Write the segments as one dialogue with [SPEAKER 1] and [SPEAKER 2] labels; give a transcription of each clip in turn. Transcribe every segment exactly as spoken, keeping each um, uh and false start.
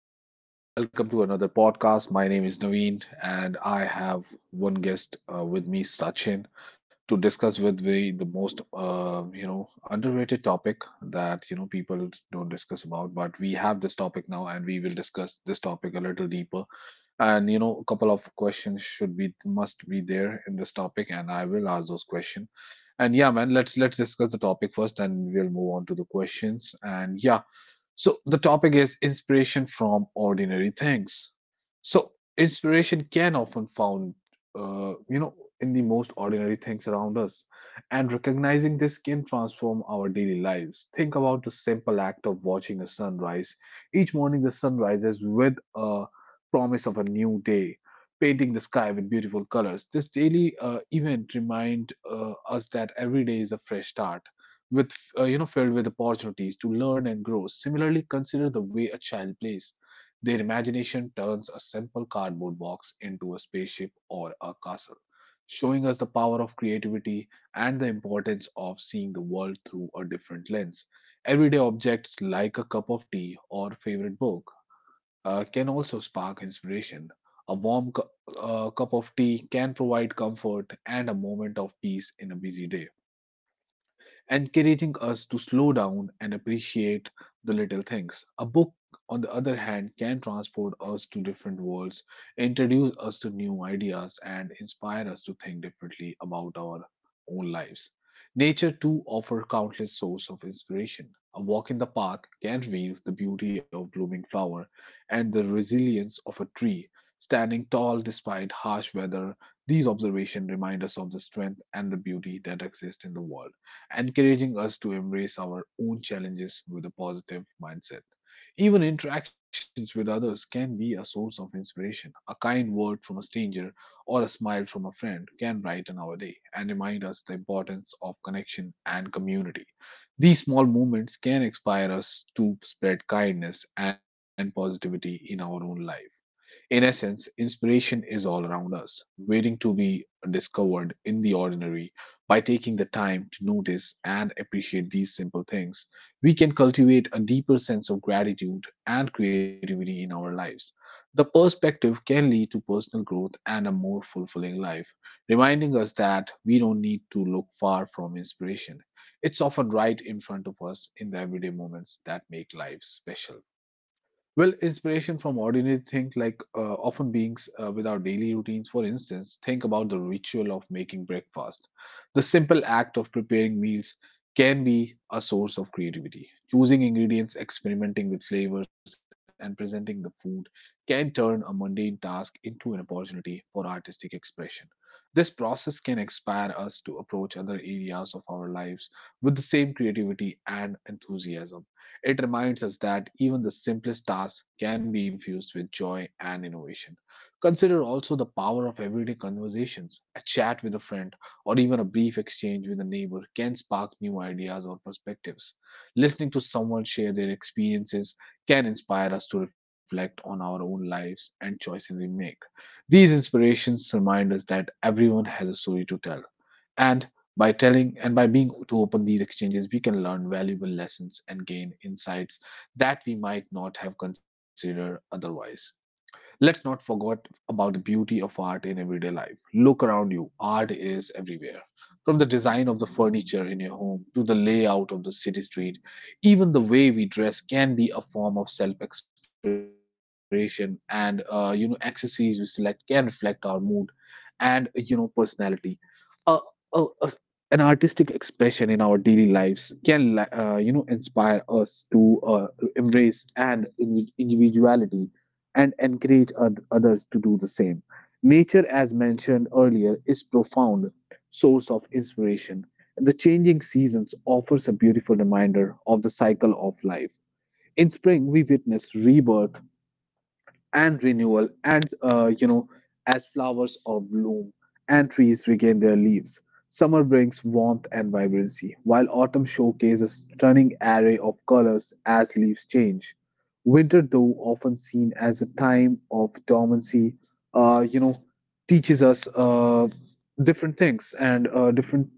[SPEAKER 1] everyone. Welcome to another podcast. My name is Naveen, and I have one guest uh, with me, Sachin, to discuss with me the most, uh, you know, underrated topic that you know people don't discuss about. But we have this topic now, and we will discuss this topic a little deeper. And you know, a couple of questions should be must be there in this topic, and I will ask those questions. And yeah, man, let's let's discuss the topic first, and we'll move on to the questions. And yeah, so the topic is inspiration from ordinary things. So inspiration can often found, uh, you know, in the most ordinary things around us, and recognizing this can transform our daily lives. Think about the simple act of watching a sunrise. Each morning, the sun rises with a promise of a new day, painting the sky with beautiful colors. This daily uh, event remind uh, us that every day is a fresh start. With uh, you know filled with opportunities to learn and grow, similarly consider the way a child plays. Their imagination turns a simple cardboard box into a spaceship or a castle, showing us the power of creativity and the importance of seeing the world through a different lens. Everyday objects like a cup of tea or favorite book uh, can also spark inspiration. A warm cu- uh, cup of tea can provide comfort and a moment of peace in a busy day, encouraging us to slow down and appreciate the little things. A book, on the other hand, can transport us to different worlds, introduce us to new ideas, and inspire us to think differently about our own lives. Nature too offers countless sources of inspiration. A walk in the park can reveal the beauty of blooming flower and the resilience of a tree standing tall despite harsh weather. These observations remind us of the strength and the beauty that exist in the world, encouraging us to embrace our own challenges with a positive mindset. Even interactions with others can be a source of inspiration. A kind word from a stranger or a smile from a friend can brighten our day and remind us the importance of connection and community. These small moments can inspire us to spread kindness and positivity in our own life. In essence, inspiration is all around us, waiting to be discovered in the ordinary. By taking the time to notice and appreciate these simple things, we can cultivate a deeper sense of gratitude and creativity in our lives. The perspective can lead to personal growth and a more fulfilling life, reminding us that we don't need to look far from inspiration. It's often right in front of us in the everyday moments that make life special. Well, inspiration from ordinary things like uh, often beings uh, without daily routines. For instance, think about the ritual of making breakfast. The simple act of preparing meals can be a source of creativity. Choosing ingredients, experimenting with flavors, and presenting the food can turn a mundane task into an opportunity for artistic expression. This process can inspire us to approach other areas of our lives with the same creativity and enthusiasm. It reminds us that even the simplest tasks can be infused with joy and innovation. Consider also the power of everyday conversations. A chat with a friend or even a brief exchange with a neighbor can spark new ideas or perspectives. Listening to someone share their experiences can inspire us to reflect on our own lives and choices we make. These inspirations remind us that everyone has a story to tell, and by telling and by being to open these exchanges, we can learn valuable lessons and gain insights that we might not have considered otherwise. Let's not forget about the beauty of art in everyday life. Look around you, art is everywhere. From the design of the furniture in your home to the layout of the city street, even the way we dress can be a form of self-expression, and uh, you know accessories we select can reflect our mood and you know personality. A, a, a- an artistic expression in our daily lives can li- uh, you know inspire us to uh, embrace and individuality, and encourage oth- others to do the same. Nature, as mentioned earlier, is profound source of inspiration. The changing seasons offers a beautiful reminder of the cycle of life. In spring, we witness rebirth and renewal, and uh, you know as flowers are bloom and trees regain their leaves. Summer brings warmth and vibrancy, while autumn showcases a stunning array of colors as leaves change. Winter, though often seen as a time of dormancy, uh, you know teaches us uh, different things and uh, different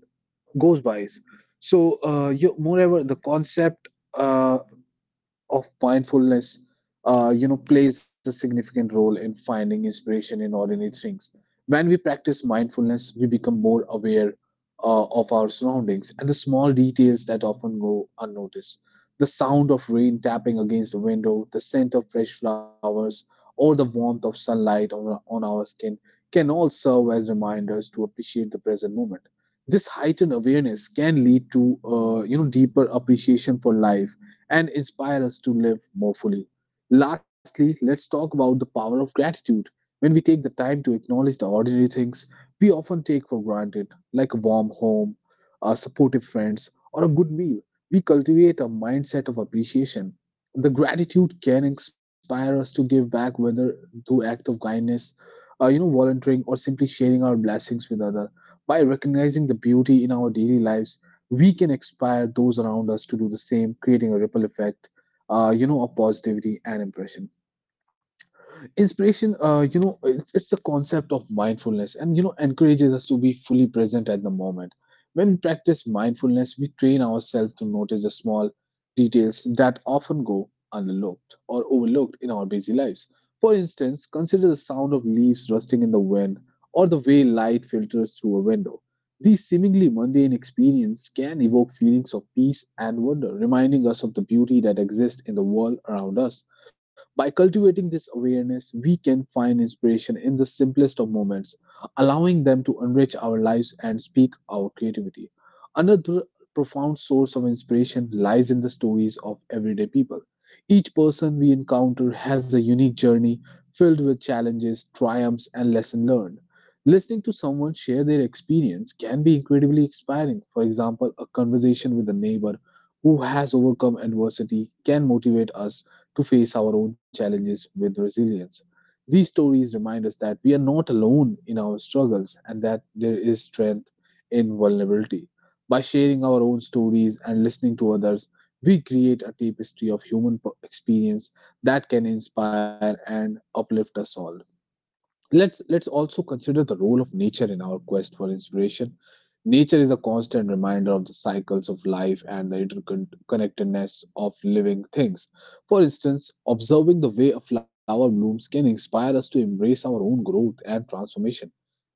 [SPEAKER 1] goes bys. So uh, you, moreover the concept uh, of mindfulness, uh, you know, plays a significant role in finding inspiration in ordinary things. When we practice mindfulness, we become more aware uh, of our surroundings and the small details that often go unnoticed. The sound of rain tapping against the window, the scent of fresh flowers, or the warmth of sunlight on our, on our skin can all serve as reminders to appreciate the present moment. This heightened awareness can lead to, uh, you know, deeper appreciation for life and inspire us to live more fully. Lastly, let's talk about the power of gratitude. When we take the time to acknowledge the ordinary things we often take for granted, like a warm home, uh, supportive friends, or a good meal, we cultivate a mindset of appreciation. The gratitude can inspire us to give back, whether through act of kindness, uh, you know, volunteering, or simply sharing our blessings with others. By recognizing the beauty in our daily lives, we can inspire those around us to do the same, creating a ripple effect, uh, you know, of positivity and impression. Inspiration, uh, you know, it's, it's the concept of mindfulness, and, you know, encourages us to be fully present at the moment. When we practice mindfulness, we train ourselves to notice the small details that often go unlooked or overlooked in our busy lives. For instance, consider the sound of leaves rustling in the wind or the way light filters through a window. These seemingly mundane experiences can evoke feelings of peace and wonder, reminding us of the beauty that exists in the world around us. By cultivating this awareness, we can find inspiration in the simplest of moments, allowing them to enrich our lives and speak our creativity. Another profound source of inspiration lies in the stories of everyday people. Each person we encounter has a unique journey filled with challenges, triumphs, and lessons learned. Listening to someone share their experience can be incredibly inspiring. For example, a conversation with a neighbor who has overcome adversity can motivate us to face our own challenges with resilience. These stories remind us that we are not alone in our struggles and that there is strength in vulnerability. By sharing our own stories and listening to others, we create a tapestry of human p- experience that can inspire and uplift us all. Let's let's also consider the role of nature in our quest for inspiration. Nature is a constant reminder of the cycles of life and the interconnectedness of living things. For instance, observing the way a flower blooms can inspire us to embrace our own growth and transformation.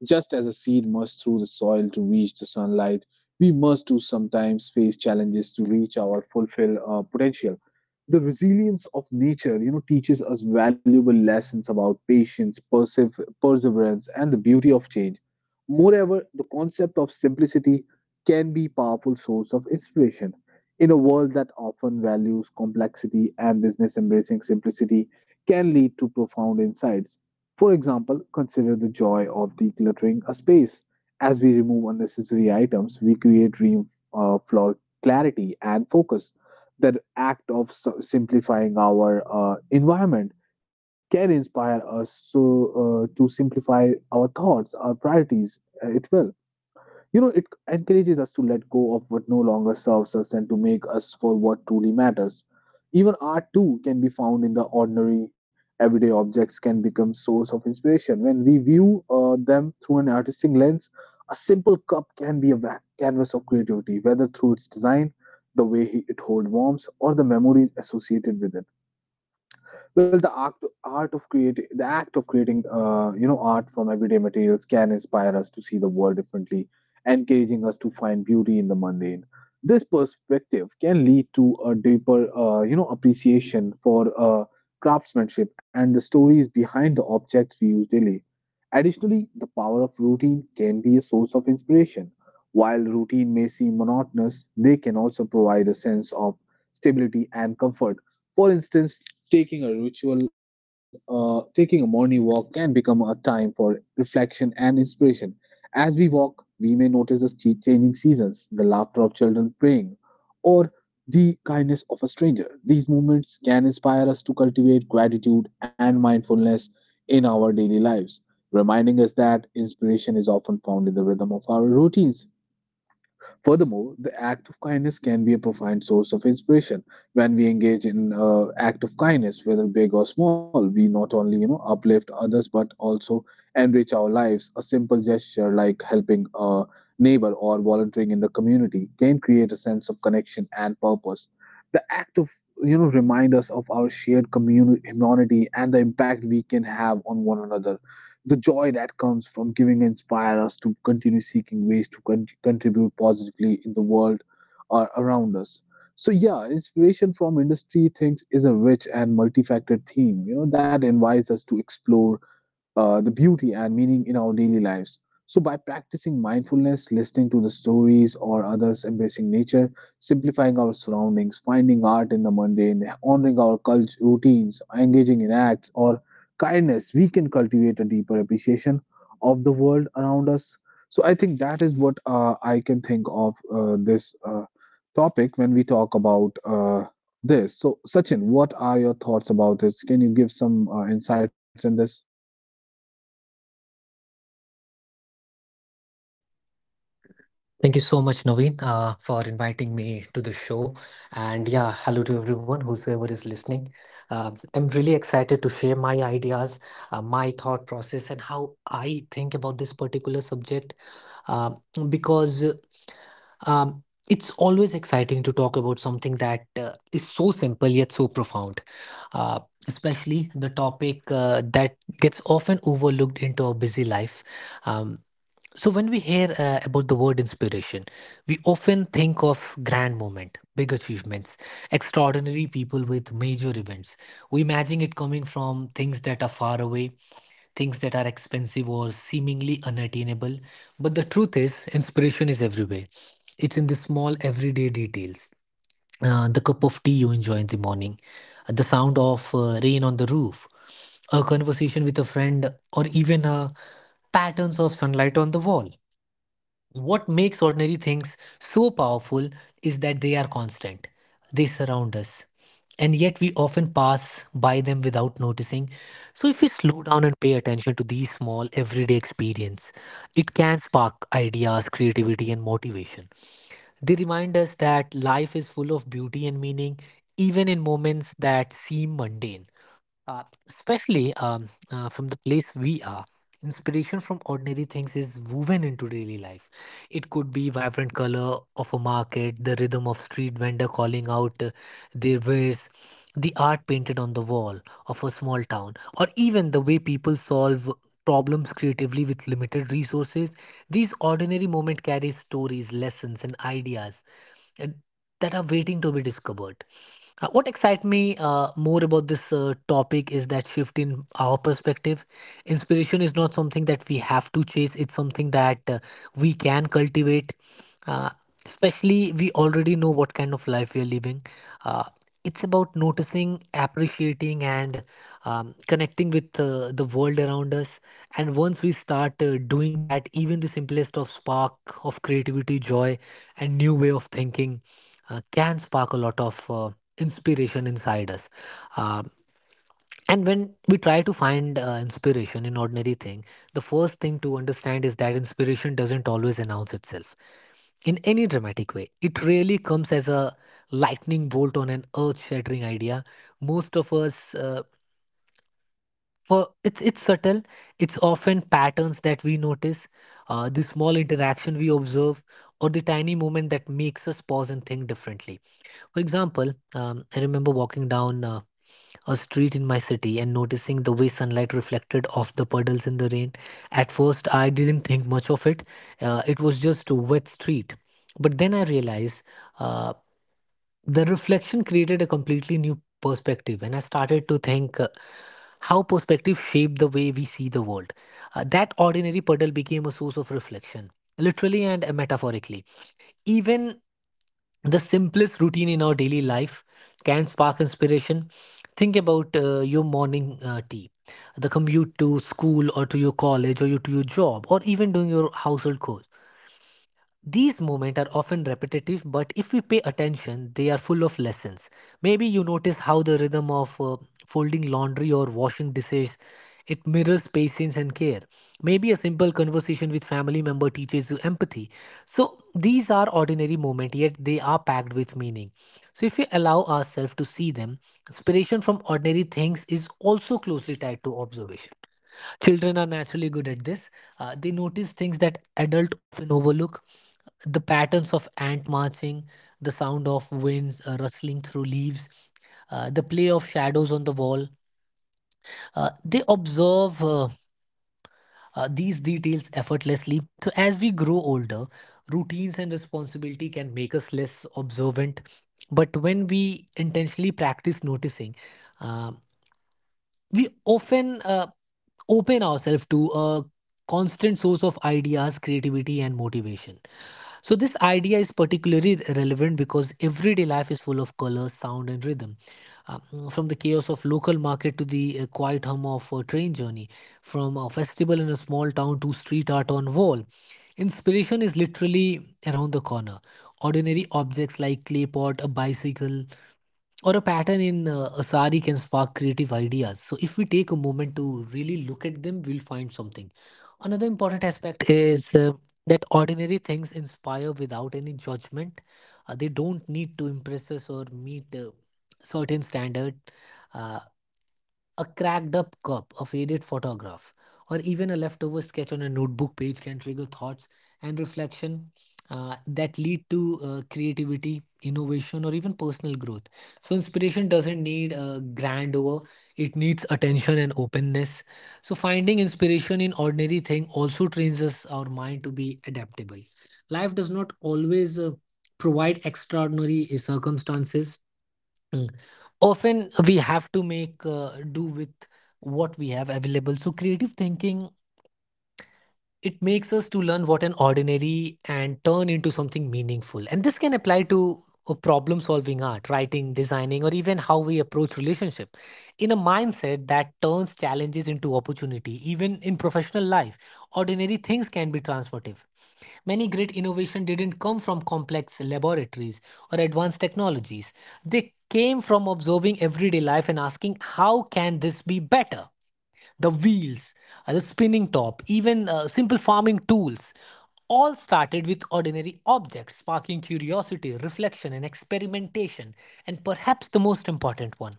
[SPEAKER 1] Just as a seed must through the soil to reach the sunlight, we must too sometimes face challenges to reach our fulfill uh, potential. The resilience of nature, you know teaches us valuable lessons about patience, persef- perseverance, and the beauty of change. Moreover, the concept of simplicity can be powerful source of inspiration. In a world that often values complexity and business, embracing simplicity can lead to profound insights. For example, consider the joy of decluttering a space. As we remove unnecessary items, we create room uh, for clarity and focus. The act of s- simplifying our uh, environment can inspire us so, uh, to simplify our thoughts, our priorities, uh, it will. You know, it encourages us to let go of what no longer serves us and to make us for what truly matters. Even art too can be found in the ordinary. Everyday objects can become source of inspiration when we view uh, them through an artistic lens. A simple cup can be a va- canvas of creativity, whether through its design, the way he- it holds warmth, or the memories associated with it. Well, the act, art of creating, the act of creating, uh, you know, art from everyday materials can inspire us to see the world differently, encouraging us to find beauty in the mundane. This perspective can lead to a deeper, uh, you know, appreciation for uh, craftsmanship and the stories behind the objects we use daily. Additionally, the power of routine can be a source of inspiration. While routine may seem monotonous, they can also provide a sense of stability and comfort for instance, taking a ritual, uh, taking a morning walk can become a time for reflection and inspiration. As we walk, we may notice the che- changing seasons, the laughter of children praying, or the kindness of a stranger. These movements can inspire us to cultivate gratitude and mindfulness in our daily lives, reminding us that inspiration is often found in the rhythm of our routines. Furthermore, the act of kindness can be a profound source of inspiration. When we engage in uh, act of kindness, whether big or small, we not only you know uplift others but also enrich our lives. A simple gesture like helping a neighbor or volunteering in the community can create a sense of connection and purpose. The act of you know remind us of our shared community, humanity, and the impact we can have on one another, the joy that comes from giving inspire us to continue seeking ways to con- contribute positively in the world or around us. So yeah, inspiration from industry things is a rich and multifaceted theme, you know that invites us to explore uh, the beauty and meaning in our daily lives. So, by practicing mindfulness, listening to the stories or others, embracing nature, simplifying our surroundings, finding art in the mundane, honoring our cult- routines, engaging in acts or kindness, we can cultivate a deeper appreciation of the world around us. So, I think that is what uh, I can think of uh, this uh, topic when we talk about uh, this. So, Sachin, what are your thoughts about this? Can you give some uh, insights in this?
[SPEAKER 2] Thank you so much, Naveen, uh, for inviting me to the show. And yeah, hello to everyone, whosoever is listening. Uh, I'm really excited to share my ideas, uh, my thought process, and how I think about this particular subject uh, because um, it's always exciting to talk about something that uh, is so simple yet so profound, uh, especially the topic uh, that gets often overlooked into our busy life. Um, so when we hear uh, about the word inspiration, we often think of grand moment, big achievements, extraordinary people with major events. We imagine it coming from things that are far away, things that are expensive or seemingly unattainable. But the truth is, inspiration is everywhere. It's in the small everyday details. Uh, the cup of tea you enjoy in the morning, uh, the sound of uh, rain on the roof, a conversation with a friend, or even uh, patterns of sunlight on the wall. What makes ordinary things so powerful is that they are constant. They surround us. And yet we often pass by them without noticing. So if we slow down and pay attention to these small everyday experiences, it can spark ideas, creativity and motivation. They remind us that life is full of beauty and meaning even in moments that seem mundane uh, especially um, uh, from the place we are. Inspiration from ordinary things is woven into daily life. It could be vibrant color of a market, the rhythm of street vendor calling out uh, their wares, the art painted on the wall of a small town, or even the way people solve problems creatively with limited resources. These ordinary moments carry stories, lessons, and ideas and that are waiting to be discovered. Uh, what excites me uh, more about this uh, topic is that shift in our perspective. Inspiration is not something that we have to chase, it's something that uh, we can cultivate. Uh, Especially, we already know what kind of life we are living. Uh, it's about noticing, appreciating, and um, connecting with uh, the world around us. And once we start uh, doing that, even the simplest of spark of creativity, joy, and new way of thinking uh, can spark a lot of uh, inspiration inside us. Um and when we try to find uh, inspiration in ordinary thing, the first thing to understand is that inspiration doesn't always announce itself in any dramatic way. It really comes as a lightning bolt on an earth-shattering idea. Most of us uh, for it's it's subtle. It's often patterns that we notice, uh, the small interaction we observe or the tiny moment that makes us pause and think differently. For example, um, I remember walking down Uh, a street in my city and noticing the way sunlight reflected off the puddles in the rain. At first, I didn't think much of it, uh, it was just a wet street. But then I realized uh, the reflection created a completely new perspective, and I started to think uh, how perspective shaped the way we see the world. Uh, that ordinary puddle became a source of reflection, literally and metaphorically. Even the simplest routine in our daily life can spark inspiration. Think about uh, your morning uh, tea, the commute to school or to your college or you, to your job, or even doing your household chores. These moments are often repetitive, but if we pay attention, they are full of lessons. Maybe you notice how the rhythm of uh, folding laundry or washing dishes, it mirrors patience and care. Maybe a simple conversation with family member teaches you empathy. So these are ordinary moments, yet they are packed with meaning. So if we allow ourselves to see them, inspiration from ordinary things is also closely tied to observation. Children are naturally good at this. Uh, they notice things that adults often overlook, the patterns of ant marching, the sound of winds uh, rustling through leaves, uh, the play of shadows on the wall. Uh, they observe uh, uh, these details effortlessly. So, as we grow older, routines and responsibility can make us less observant. But when we intentionally practice noticing, um we often uh, open ourselves to a constant source of ideas, creativity, and motivation. So, this idea is particularly relevant because everyday life is full of colors, sound, and rhythm. Uh, mm, from the chaos of local market to the uh, quiet hum of a train journey, from a festival in a small town to street art on wall, inspiration is literally around the corner. Ordinary objects like clay pot, a bicycle, or a pattern in uh, a sari can spark creative ideas. So, if we take a moment to really look at them, we'll find something. Another important aspect is uh, that ordinary things inspire without any judgment. Uh, they don't need to impress us or meet a certain standard. Uh, a cracked up cup, a faded photograph, or even a leftover sketch on a notebook page can trigger thoughts and reflection uh, that lead to uh, creativity, innovation, or even personal growth. So, inspiration doesn't need a grandeur, it needs attention and openness. So, finding inspiration in ordinary thing also trains us our mind to be adaptable. Life does not always uh, provide extraordinary uh, circumstances. Mm. Often we have to make uh, do with what we have available. So creative thinking, it makes us to learn what an ordinary and turn into something meaningful. And this can apply to uh, problem solving art, writing, designing, or even how we approach relationship. In a mindset that turns challenges into opportunity, even in professional life, ordinary things can be transformative. Many great innovation didn't come from complex laboratories or advanced technologies. They came from observing everyday life and asking how can this be better? The wheels, uh, the spinning top, even uh, simple farming tools all started with ordinary objects, sparking curiosity, reflection, and experimentation. And perhaps the most important one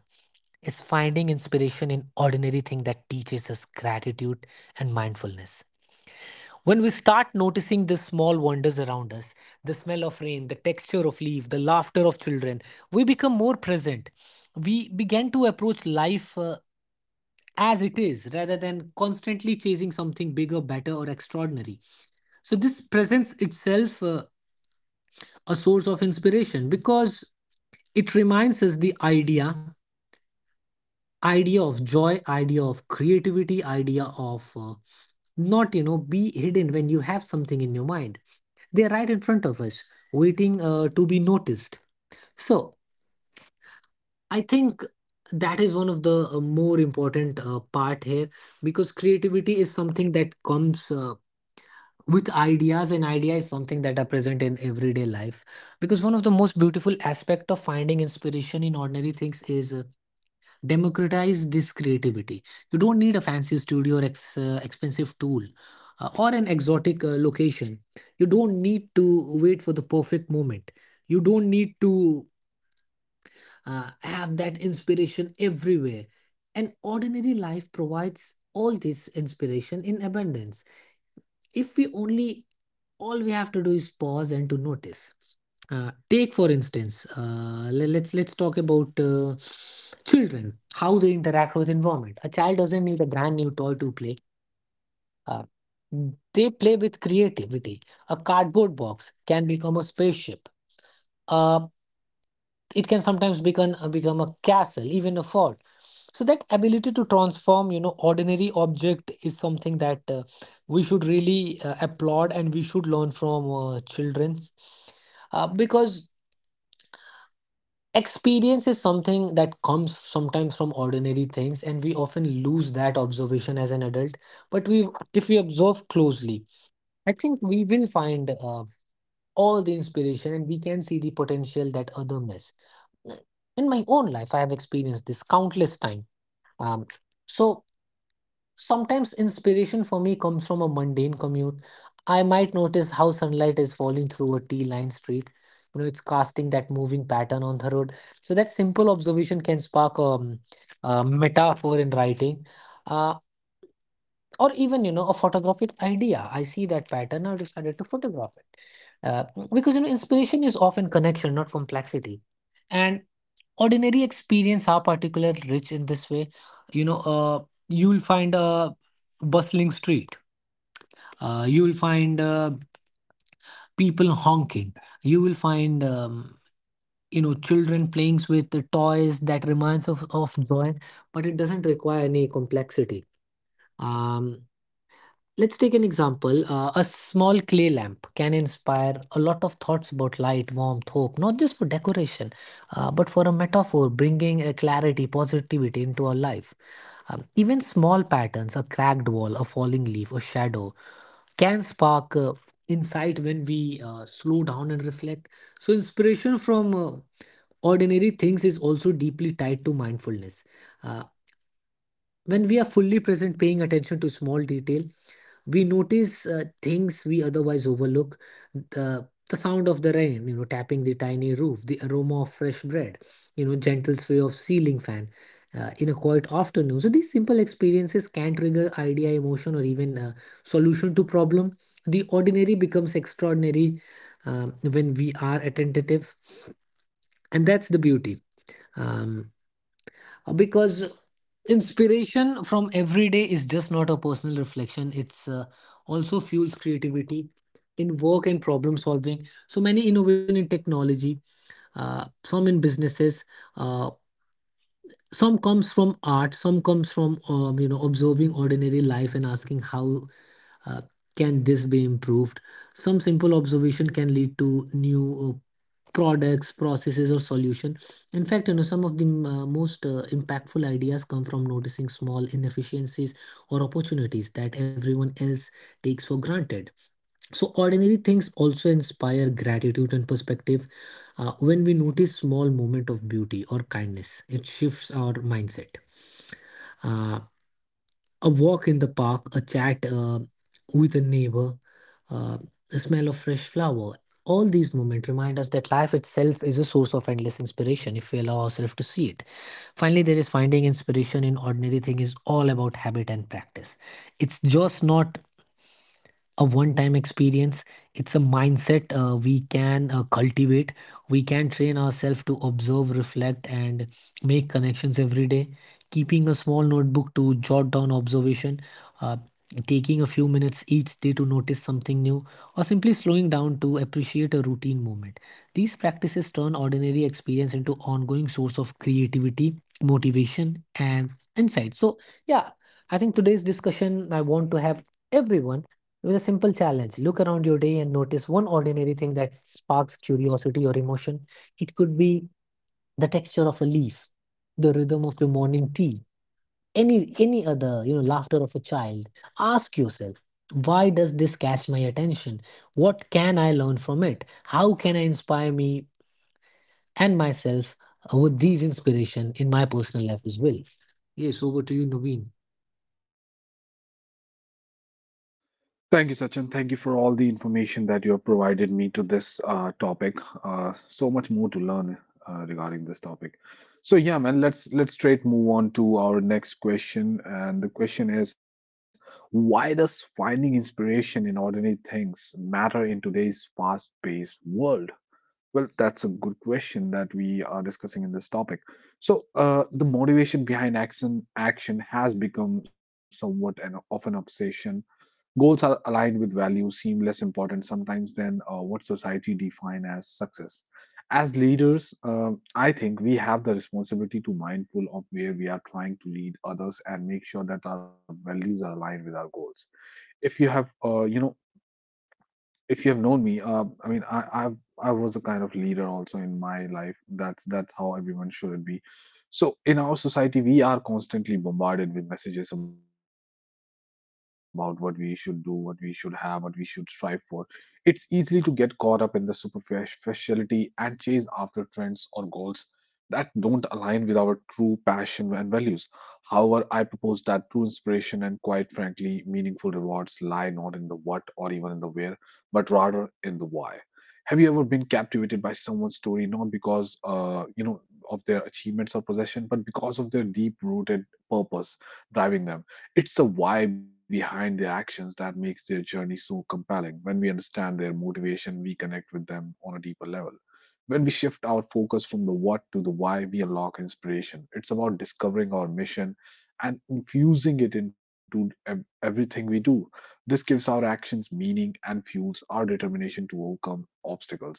[SPEAKER 2] is finding inspiration in ordinary things that teaches us gratitude and mindfulness. When we start noticing the small wonders around us, the smell of rain, the texture of leaf, the laughter of children, we become more present. We begin to approach life uh, as it is rather than constantly chasing something bigger, better, or extraordinary. So, this presents itself uh, a source of inspiration because it reminds us the idea, idea of joy, idea of creativity, idea of uh, not, you know, be hidden when you have something in your mind, they are right in front of us, waiting uh, to be noticed. So I think that is one of the uh, more important uh, part here, because creativity is something that comes uh, with ideas, and idea is something that are present in everyday life, because one of the most beautiful aspect of finding inspiration in ordinary things is uh, democratize this creativity. You don't need a fancy studio or ex- uh, expensive tool uh, or an exotic uh, location. You don't need to wait for the perfect moment. You don't need to uh, have that inspiration everywhere, and ordinary life provides all this inspiration in abundance. If we only All we have to do is pause and to notice. Uh, take for instance, uh, le- let's let's talk about uh, children, how they interact with environment. A child doesn't need a brand new toy to play. Uh, they play with creativity. A cardboard box can become a spaceship. A it can sometimes become uh, become a castle, even a fort, so that ability to transform you know ordinary object is something that uh, we should really uh, applaud, and we should learn from uh, children, uh, because experience is something that comes sometimes from ordinary things, and we often lose that observation as an adult. But we, if we observe closely, I think we will find uh, all the inspiration, and we can see the potential that other miss. In my own life, I have experienced this countless time. um, so sometimes inspiration for me comes from a mundane commute. I might notice how sunlight is falling through a t-lined street. You know, it's casting that moving pattern on the road. So that simple observation can spark um, a metaphor in writing, uh, or even, you know, a photographic idea. I see that pattern, I decided to photograph it, uh, because, you know, inspiration is often connection, not complexity. And ordinary experience are particularly rich in this way. you know uh, you'll find a bustling street. Uh, you'll find uh, people honking. You will find um, you know, children playing with the toys that reminds of, of joy, but it doesn't require any complexity. um, let's take an example. Uh, a small clay lamp can inspire a lot of thoughts about light, warmth, hope, not just for decoration, uh, but for a metaphor bringing a clarity, positivity into our life. Um, even small patterns, a cracked wall, a falling leaf, a shadow, can spark uh, insight when we uh, slow down and reflect. So, inspiration from uh, ordinary things is also deeply tied to mindfulness. Uh, when we are fully present, paying attention to small detail, we notice uh, things we otherwise overlook. The the sound of the rain, you know, tapping the tiny roof, the aroma of fresh bread, you know, gentle sway of ceiling fan uh, in a quiet afternoon. So these simple experiences can trigger idea, emotion, or even uh, solution to problem. The ordinary becomes extraordinary um, when we are attentive, and that's the beauty, um, because inspiration from every day is just not a personal reflection. It's uh, also fuels creativity in work and problem solving. So many innovation in technology, uh, some in businesses, uh, some comes from art, some comes from um, you know, observing ordinary life and asking how uh, can this be improved? Some simple observation can lead to new uh, products, processes, or solution. In fact, you know, some of the mm, uh, most uh, impactful ideas come from noticing small inefficiencies or opportunities that everyone else takes for granted. So ordinary things also inspire gratitude and perspective. Uh, when we notice small moment of beauty or kindness, it shifts our mindset. Uh, a walk in the park, a chat uh, with a neighbor, uh, the smell of fresh flower. All these moments remind us that life itself is a source of endless inspiration if we allow ourselves to see it. Finally, there is finding inspiration in ordinary thing is all about habit and practice. It's just not a one time experience. It's a mindset uh, we can uh, cultivate. We can train ourselves to observe, reflect, and make connections every day: keeping a small notebook to jot down observation, uh, taking a few minutes each day to notice something new, or simply slowing down to appreciate a routine moment. These practices turn ordinary experience into ongoing source of creativity, motivation, and insight. So yeah, I think today's discussion, I want to have everyone with a simple challenge: look around your day and notice one ordinary thing that sparks curiosity or emotion. It could be the texture of a leaf, the rhythm of your morning tea, any any other, you know, laughter of a child. Ask yourself, why does this catch my attention? What can I learn from it? How can I inspire me and myself uh, with these inspiration in my personal life as well? Yes, over to you, Naveen.
[SPEAKER 1] Thank you, Sachin. Thank you for all the information that you have provided me to this uh, topic. Uh, so much more to learn uh, regarding this topic. So yeah, man, let's let's straight move on to our next question. And the question is, why does finding inspiration in ordinary things matter in today's fast-paced world? Well, that's a good question that we are discussing in this topic. So uh, the motivation behind action action has become somewhat an, of an obsession. Goals are aligned with values seem less important sometimes than uh, what society define as success. As leaders, um, I think we have the responsibility to mindful of where we are trying to lead others and make sure that our values are aligned with our goals. If you have, uh, you know, if you have known me, uh, I mean, I, i I was a kind of leader also in my life. That's that's how everyone should be. So in our society, we are constantly bombarded with messages about what we should do, what we should have, what we should strive for. It's easy to get caught up in the superficiality and chase after trends or goals that don't align with our true passion and values. However, I propose that true inspiration and quite frankly meaningful rewards lie not in the what or even in the where but rather in the why. Have you ever been captivated by someone's story not because uh, you know of their achievements or possession, but because of their deep-rooted purpose driving them? It's the why behind their actions that makes their journey so compelling. When we understand their motivation, we connect with them on a deeper level. When we shift our focus from the what to the why, we unlock inspiration. It's about discovering our mission and infusing it into ev- everything we do. This gives our actions meaning and fuels our determination to overcome obstacles.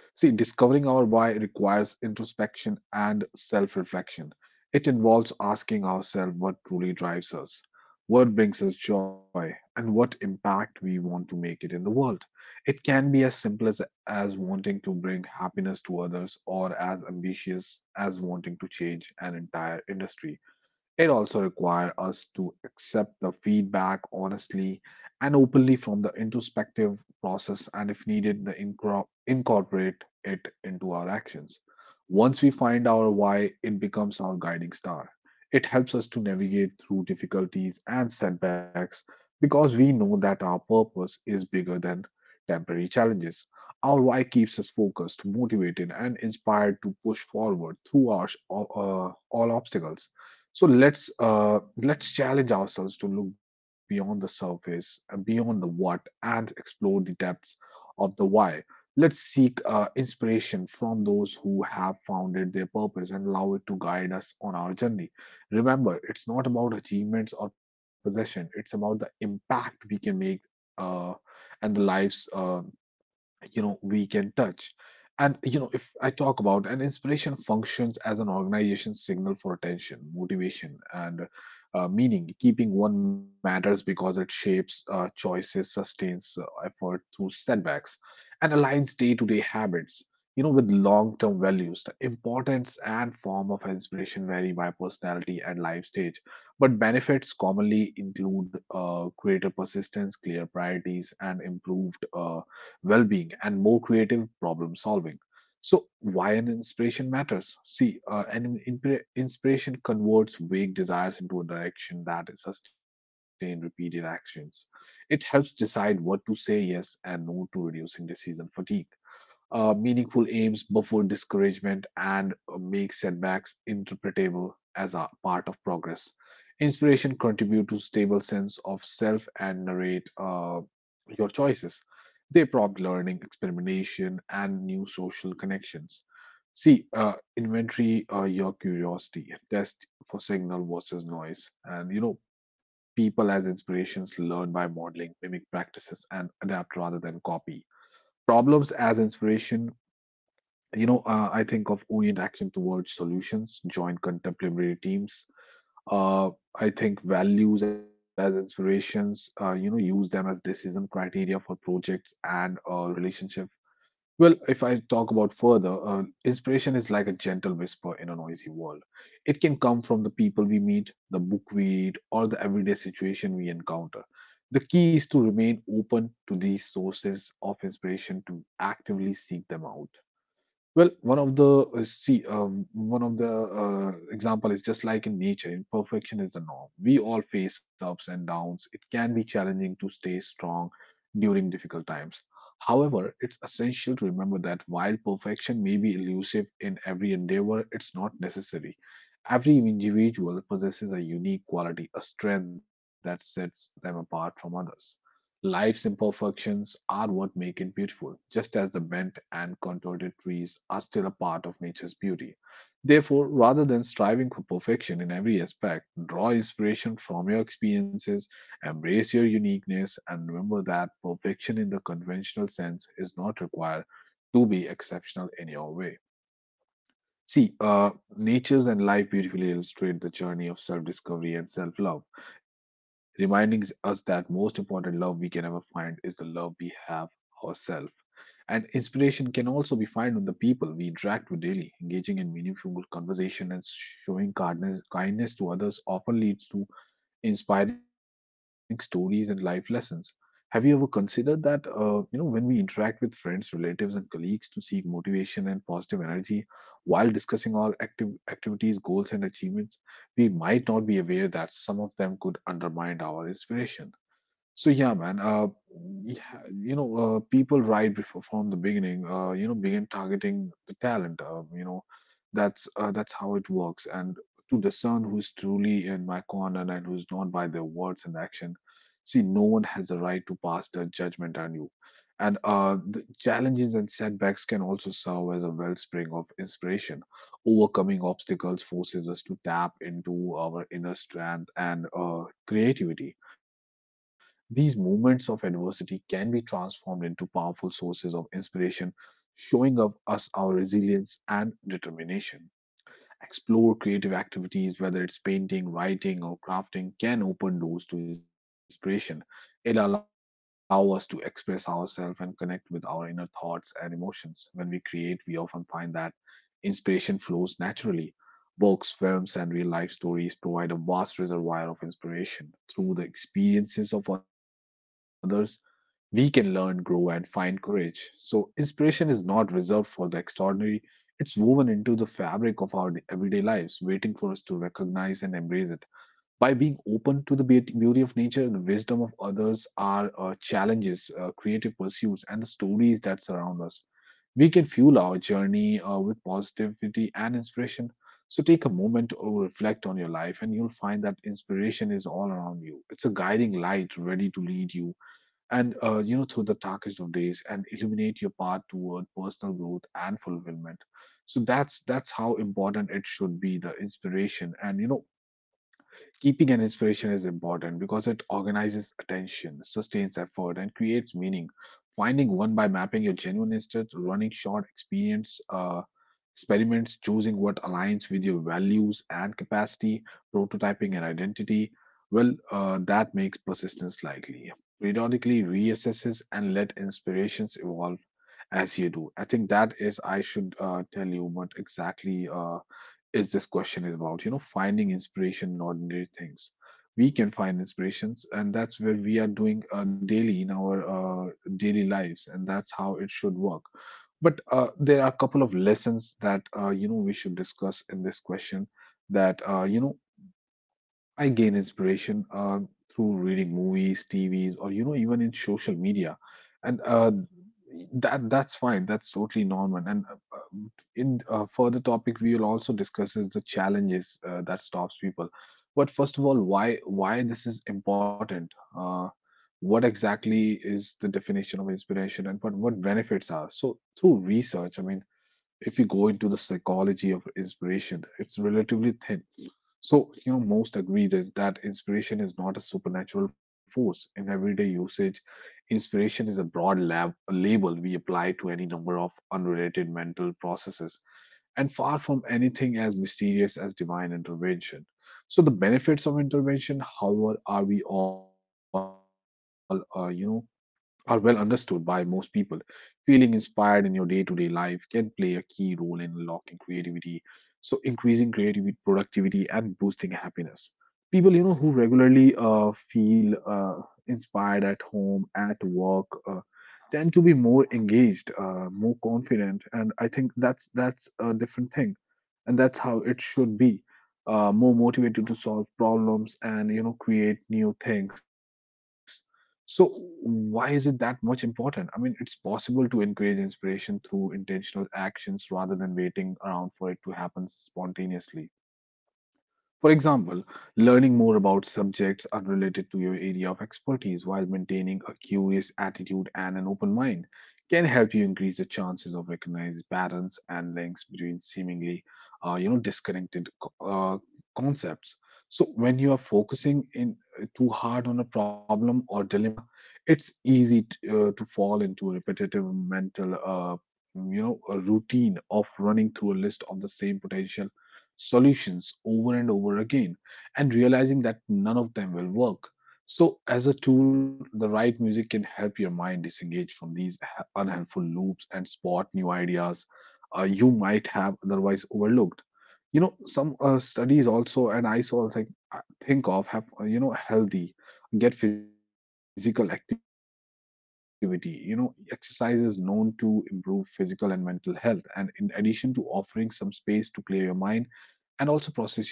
[SPEAKER 1] See, discovering our why requires introspection and self reflection. It involves asking ourselves what truly drives us, what brings us joy, and what impact we want to make it in the world. It can be as simple as, as wanting to bring happiness to others or as ambitious as wanting to change an entire industry. It also requires us to accept the feedback honestly and openly from the introspective process, and if needed, the incro- incorporate it into our actions. Once we find our why, it becomes our guiding star. It helps us to navigate through difficulties and setbacks because we know that our purpose is bigger than temporary challenges. Our why keeps us focused, motivated, and inspired to push forward through our, sh- all- uh, all obstacles. So let's uh, let's challenge ourselves to look beyond the surface, uh, beyond the what, and explore the depths of the why. Let's seek uh, inspiration from those who have founded their purpose and allow it to guide us on our journey. Remember, it's not about achievements or possession; it's about the impact we can make uh, and the lives uh, you know we can touch. And you know, if I talk about an inspiration functions as an organization signal for attention, motivation and uh, meaning, keeping one matters because it shapes uh, choices, sustains uh, effort through setbacks, and aligns day-to-day habits, you know with long-term values. The importance and form of inspiration vary by personality and life stage, but benefits commonly include uh, greater persistence, clear priorities and improved uh, well-being, and more creative problem solving. So, why an inspiration matters? See, uh, an inspira- inspiration converts vague desires into a direction that is sustained repeated actions. It helps decide what to say yes and no to, reducing decision fatigue, uh, meaningful aims before discouragement, and uh, make setbacks interpretable as a part of progress. Inspiration contribute to stable sense of self and narrate uh, your choices. They prompt learning, experimentation, and new social connections. See, uh, inventory uh, your curiosity, test for signal versus noise. And you know, people as inspirations learn by modeling, mimic practices, and adapt rather than copy problems as inspiration. You know, uh, I think of orient action towards solutions, join contemporary teams. Uh, I think values as inspirations, uh, you know, use them as decision criteria for projects and uh, relationships. Well, if I talk about further, uh, inspiration is like a gentle whisper in a noisy world. It can come from the people we meet, the book we read, or the everyday situation we encounter. The key is to remain open to these sources of inspiration to actively seek them out. Well, one of the uh, see, um, one of the uh, example is just like in nature, imperfection is the norm. We all face ups and downs. It can be challenging to stay strong during difficult times. However, it's essential to remember that while perfection may be elusive in every endeavor, it's not necessary. Every individual possesses a unique quality, a strength that sets them apart from others. Life's imperfections are what make it beautiful, just as the bent and contorted trees are still a part of nature's beauty. Therefore, rather than striving for perfection in every aspect, draw inspiration from your experiences, embrace your uniqueness, and remember that perfection in the conventional sense is not required to be exceptional in your way. See, uh, natures and life beautifully illustrate the journey of self discovery and self love, reminding us that most important love we can ever find is the love we have ourselves. And inspiration can also be found in the people we interact with daily. Engaging in meaningful conversation and showing kindness kindness to others often leads to inspiring stories and life lessons. Have you ever considered that, uh, you know, when we interact with friends, relatives, and colleagues to seek motivation and positive energy while discussing our active activities, goals, and achievements, we might not be aware that some of them could undermine our inspiration. So yeah, man. Uh, yeah, you know, uh, people right before from the beginning, uh, you know, begin targeting the talent. Uh, you know, that's uh, that's how it works. And to discern who's truly in my corner and who's not by their words and action, see, no one has the right to pass their judgment on you. And uh, the challenges and setbacks can also serve as a wellspring of inspiration. Overcoming obstacles forces us to tap into our inner strength and uh, creativity. These moments of adversity can be transformed into powerful sources of inspiration, showing up us our resilience and determination. Explore creative activities, whether it's painting, writing, or crafting, can open doors to inspiration. It allows us to express ourselves and connect with our inner thoughts and emotions. When we create, we often find that inspiration flows naturally. Books, films, and real life stories provide a vast reservoir of inspiration. Through the experiences of others, we can learn, grow, and find courage. So, inspiration is not reserved for the extraordinary, it's woven into the fabric of our everyday lives, waiting for us to recognize and embrace it. By being open to the beauty beauty of nature, the wisdom of others, our uh, challenges, uh, creative pursuits, and the stories that surround us, we can fuel our journey uh, with positivity and inspiration. So take a moment to reflect on your life, and you'll find that inspiration is all around you. It's a guiding light ready to lead you and uh, you know through the darkest of days and illuminate your path toward personal growth and fulfillment. So that's that's how important it should be the inspiration and you know Keeping an inspiration is important because it organizes attention, sustains effort, and creates meaning. Finding one by mapping your genuine interests, running short experience uh, experiments, choosing what aligns with your values and capacity, prototyping and identity. Well, uh, that makes persistence likely. Periodically reassesses and let inspirations evolve as you do. I think that is I should uh, tell you what exactly. Uh, is this question is about you know finding inspiration in ordinary things. We can find inspirations, and that's where we are doing uh, daily in our uh, daily lives, and that's how it should work. But uh, there are a couple of lessons that uh, you know we should discuss in this question, that uh, you know I gain inspiration uh, through reading movies, T Vs, or you know even in social media, and uh, that that's fine. That's totally normal. And uh, uh, in uh, further topic, we will also discuss is the challenges uh, that stops people. But first of all, why why this is important? Uh, what exactly is the definition of inspiration, and what what benefits are? So through research, I mean, if you go into the psychology of inspiration, it's relatively thin. So, you know, most agree that, that inspiration is not a supernatural force. In everyday usage, inspiration is a broad lab, a label we apply to any number of unrelated mental processes, and far from anything as mysterious as divine intervention. So, the benefits of intervention, however, are we all, uh, you know, are well understood by most people. Feeling inspired in your day to day life can play a key role in unlocking creativity, so increasing creativity, productivity, and boosting happiness. People, you know, who regularly uh, feel uh, inspired at home, at work, uh, tend to be more engaged, uh, more confident, and I think that's that's a different thing and that's how it should be, uh, more motivated to solve problems and you know create new things. So why is it that much important? I mean, it's possible to encourage inspiration through intentional actions rather than waiting around for it to happen spontaneously. For example, learning more about subjects unrelated to your area of expertise while maintaining a curious attitude and an open mind can help you increase the chances of recognizing patterns and links between seemingly, uh, you know, disconnected co- uh, concepts. So when you are focusing in uh, too hard on a problem or dilemma, it's easy t- uh, to fall into a repetitive mental, uh, you know, a routine of running through a list of the same potential solutions over and over again and realizing that none of them will work. So, as a tool, the right music can help your mind disengage from these h- unhelpful loops and spot new ideas uh, you might have otherwise overlooked. You know, some uh, studies also, and I saw also I think of have uh, you know healthy get physical activity. You know, exercise is known to improve physical and mental health, and in addition to offering some space to clear your mind and also process your thoughts. Uh,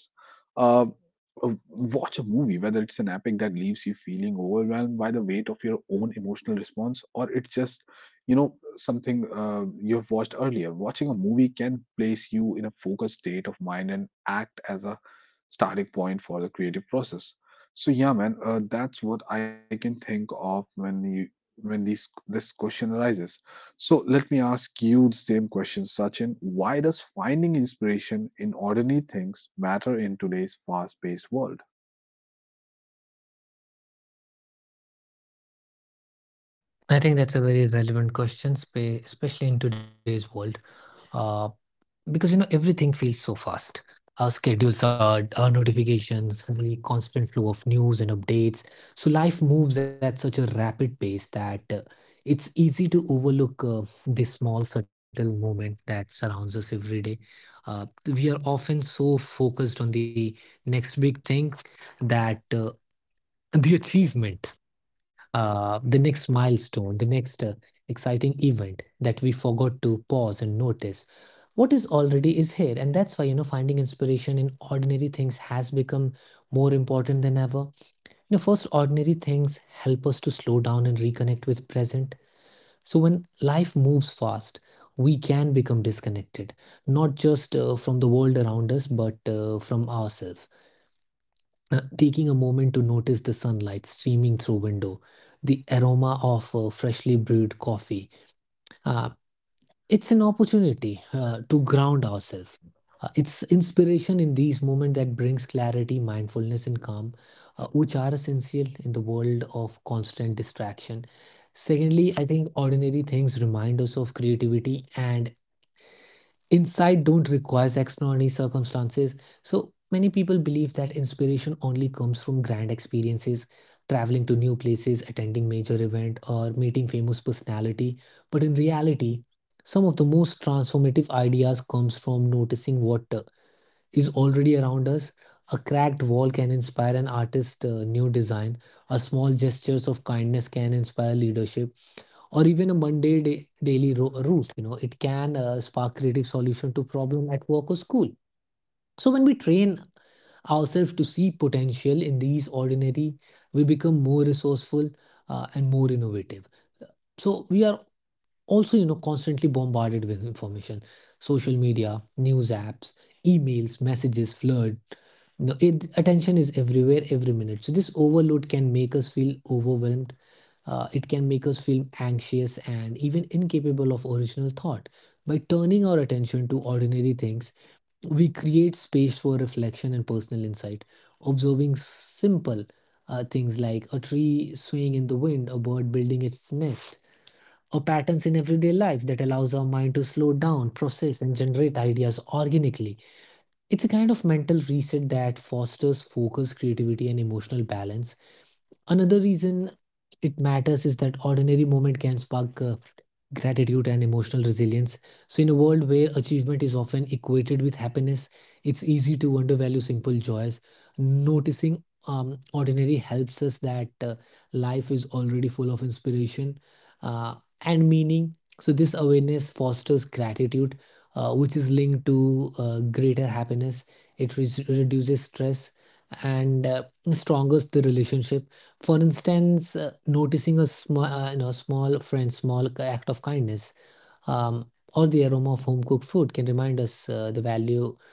[SPEAKER 1] uh, Watch a movie, whether it's an epic that leaves you feeling overwhelmed by the weight of your own emotional response, or it's just, you know, something uh, you've watched earlier. Watching a movie can place you in a focused state of mind and act as a starting point for the creative process. So yeah, man, uh, that's what I can think of when you when these this question arises. So let me ask you the same question, Sachin. Why does finding inspiration in ordinary things matter in today's fast-paced world?
[SPEAKER 2] I think that's a very relevant question, spe- especially in today's world. Uh, because, you know, everything feels so fast. Our schedules, are our notifications, the constant flow of news and updates. So life moves at such a rapid pace that uh, it's easy to overlook uh, the small subtle moment that surrounds us every day. uh, we are often so focused on the next big thing that uh, the achievement, uh, the next milestone, the next uh, exciting event, that we forgot to pause and notice what is already is here. And that's why, you know, finding inspiration in ordinary things has become more important than ever. You know, first, ordinary things help us to slow down and reconnect with present. So when life moves fast, we can become disconnected, not just uh, from the world around us, but uh, from ourselves. Uh, taking a moment to notice the sunlight streaming through window, the aroma of uh, freshly brewed coffee. Uh, it's an opportunity uh, to ground ourselves. Uh, it's inspiration in these moments that brings clarity, mindfulness, and calm, uh, which are essential in the world of constant distraction. Secondly, I think ordinary things remind us of creativity, and insight don't require extraordinary circumstances. So many people believe that inspiration only comes from grand experiences: traveling to new places, attending major event, or meeting famous personality. But in reality, some of the most transformative ideas comes from noticing what uh, is already around us. A cracked wall can inspire an artist uh, new design. A small gestures of kindness can inspire leadership, or even a Monday day daily ro- route. You know, it can uh, spark creative solution to problem at work or school. So when we train ourselves to see potential in these ordinary, we become more resourceful uh, and more innovative. So we are also, you know, constantly bombarded with information: social media, news apps, emails, messages flood. No, it, attention is everywhere every minute. So this overload can make us feel overwhelmed. Uh, it can make us feel anxious and even incapable of original thought. By turning our attention to ordinary things, we create space for reflection and personal insight. Observing simple uh, things like a tree swaying in the wind, a bird building its nest, or patterns in everyday life, that allows our mind to slow down, process, and generate ideas organically. It's a kind of mental reset that fosters focus, creativity, and emotional balance. Another reason it matters is that ordinary moment can spark uh, gratitude and emotional resilience. So, in a world where achievement is often equated with happiness, it's easy to undervalue simple joys. Noticing um, ordinary helps us that uh, life is already full of inspiration uh, and meaning. So, this awareness fosters gratitude, uh, which is linked to uh, greater happiness. It re- reduces stress and uh, strongest the relationship. For instance, uh, noticing a small, uh, you know, small friend, small k- act of kindness, um, or the aroma of home cooked food can remind us uh, the value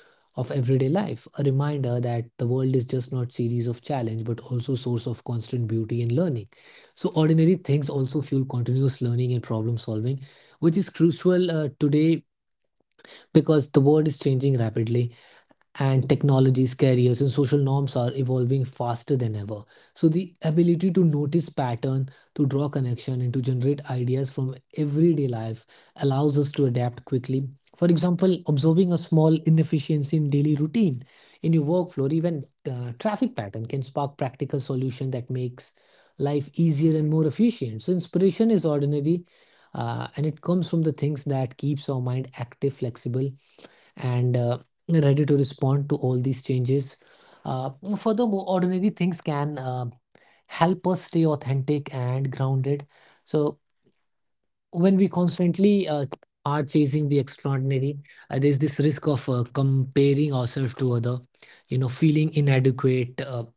[SPEAKER 2] of everyday life. A reminder that the world is just not series of challenge, but also source of constant beauty and learning. So ordinary things also fuel continuous learning and problem solving, which is crucial uh, today, because the world is changing rapidly, and technologies, careers, and social norms are evolving faster than ever. So the ability to notice pattern, to draw connection, and to generate ideas from everyday life allows us to adapt quickly. For example, observing a small inefficiency in daily routine, in your workflow, or even uh, traffic pattern can spark practical solution that makes life easier and more efficient. So inspiration is ordinary, uh, and it comes from the things that keeps our mind active, flexible, and uh, ready to respond to all these changes. Uh, Furthermore, ordinary things can uh, help us stay authentic and grounded. So, when we constantly uh, are chasing the extraordinary, uh, there's this risk of uh, comparing ourselves to other, you know, feeling inadequate uh,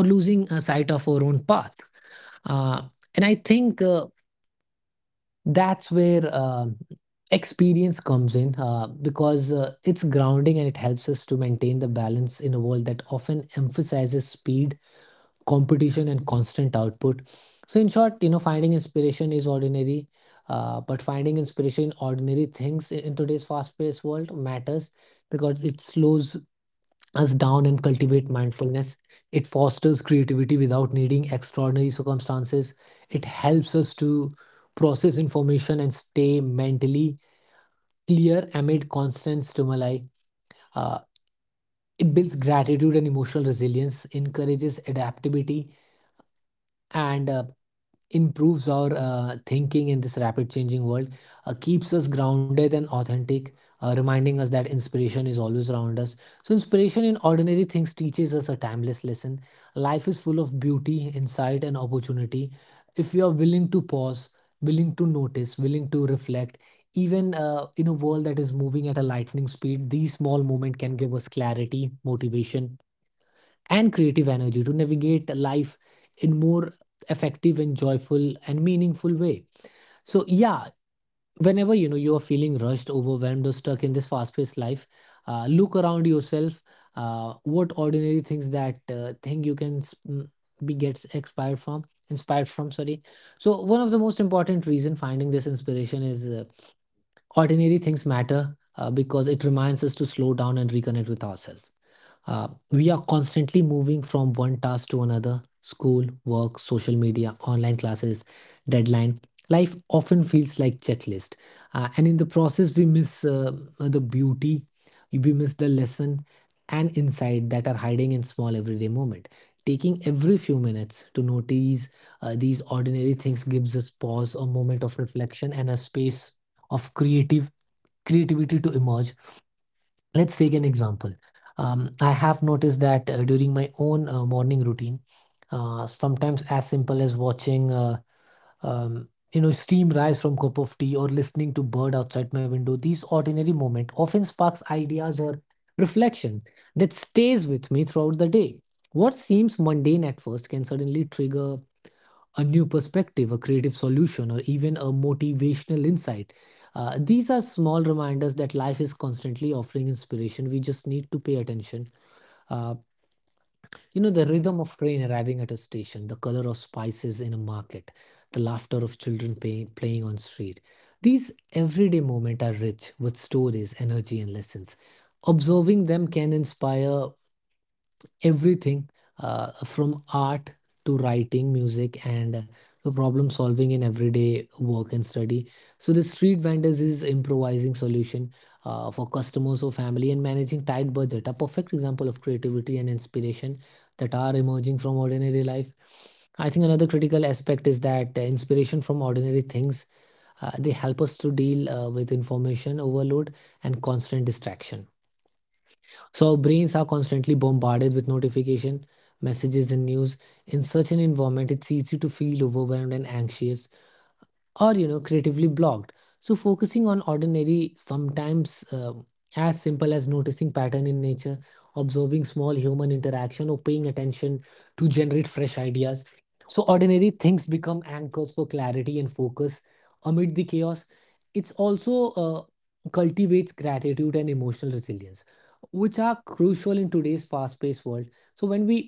[SPEAKER 2] or losing a sight of our own path. Uh, and I think uh, that's where um, experience comes in uh, because uh, it's grounding, and it helps us to maintain the balance in a world that often emphasizes speed, competition, and constant output. So, in short, you know, finding inspiration is ordinary, uh, but finding inspiration in ordinary things in in today's fast paced world matters because it slows us down and cultivate mindfulness. It fosters creativity without needing extraordinary circumstances. It helps us to process information and stay mentally clear amid constant stimuli. Uh, it builds gratitude and emotional resilience, encourages adaptability, and uh, improves our uh, thinking in this rapid changing world, uh, keeps us grounded and authentic, uh, reminding us that inspiration is always around us. So, inspiration in ordinary things teaches us a timeless lesson. Life is full of beauty, insight, and opportunity. If you are willing to pause, willing to notice, willing to reflect, even uh, in a world that is moving at a lightning speed, these small moments can give us clarity, motivation, and creative energy to navigate life in more effective and joyful and meaningful way. So yeah, whenever, you know, you are feeling rushed, overwhelmed, or stuck in this fast-paced life, uh, look around yourself. Uh, what ordinary things that uh, thing you can s- mm, be gets expired from inspired from, sorry. So one of the most important reason finding this inspiration is uh, ordinary things matter uh, because it reminds us to slow down and reconnect with ourselves. Uh, we are constantly moving from one task to another: school, work, social media, online classes, deadline. Life often feels like checklist. Uh, and in the process, we miss uh, the beauty, we miss the lesson and insight that are hiding in small everyday moment. Taking every few minutes to notice uh, these ordinary things gives us pause, a moment of reflection, and a space of creative creativity to emerge. Let's take an example. Um, I have noticed that uh, during my own uh, morning routine, uh, sometimes as simple as watching, uh, um, you know, steam rise from cup of tea or listening to bird outside my window, these ordinary moments often sparks ideas or reflection that stays with me throughout the day. What seems mundane at first can suddenly trigger a new perspective, a creative solution, or even a motivational insight. Uh, these are small reminders that life is constantly offering inspiration. We just need to pay attention. Uh, you know, the rhythm of train arriving at a station, the color of spices in a market, the laughter of children pay- playing on street. These everyday moments are rich with stories, energy, and lessons. Observing them can inspire everything, uh, from art to writing music and, uh, to problem solving in everyday work and study. So the street vendors is improvising solution, uh, for customers or family and managing tight budget, a perfect example of creativity and inspiration that are emerging from ordinary life. I think another critical aspect is that, uh, inspiration from ordinary things, uh, they help us to deal, uh, with information overload and constant distraction. So our brains are constantly bombarded with notification, messages and news. In such an environment, it's easy to feel overwhelmed and anxious or you know creatively blocked. So focusing on ordinary sometimes, um as simple as noticing pattern in nature, observing small human interaction or paying attention to generate fresh ideas. So ordinary things become anchors for clarity and focus amid the chaos. It's also, uh, cultivates gratitude and emotional resilience, which are crucial in today's fast-paced world. So when we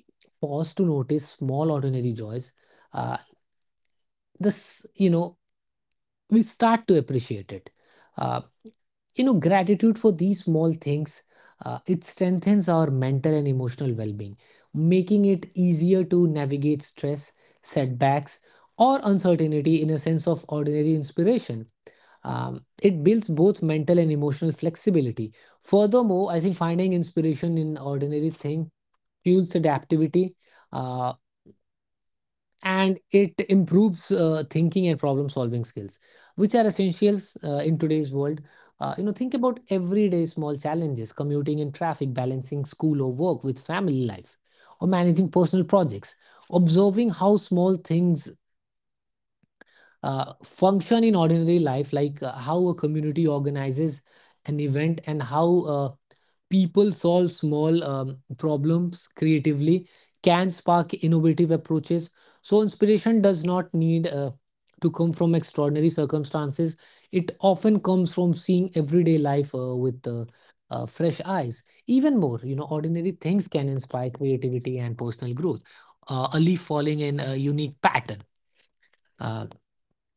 [SPEAKER 2] pause to notice small ordinary joys, uh, this, you know we start to appreciate it. Uh, you know, Gratitude for these small things, uh, it strengthens our mental and emotional well-being, making it easier to navigate stress, setbacks, or uncertainty in a sense of ordinary inspiration. Um, it builds both mental and emotional flexibility. Furthermore, I think finding inspiration in ordinary thing fuels adaptivity. uh, and it improves, uh, thinking and problem solving skills, which are essentials, uh, in today's world. Uh, you know think about everyday small challenges: commuting in traffic, balancing school or work with family life, or managing personal projects. Observing how small things, uh, function in ordinary life, like, uh, how a community organizes an event, and how, uh, people solve small, um, problems creatively can spark innovative approaches. So, inspiration does not need, uh, to come from extraordinary circumstances. It often comes from seeing everyday life, uh, with uh, uh, fresh eyes. Even more, you know, ordinary things can inspire creativity and personal growth. Uh, a leaf falling in a unique pattern. Uh,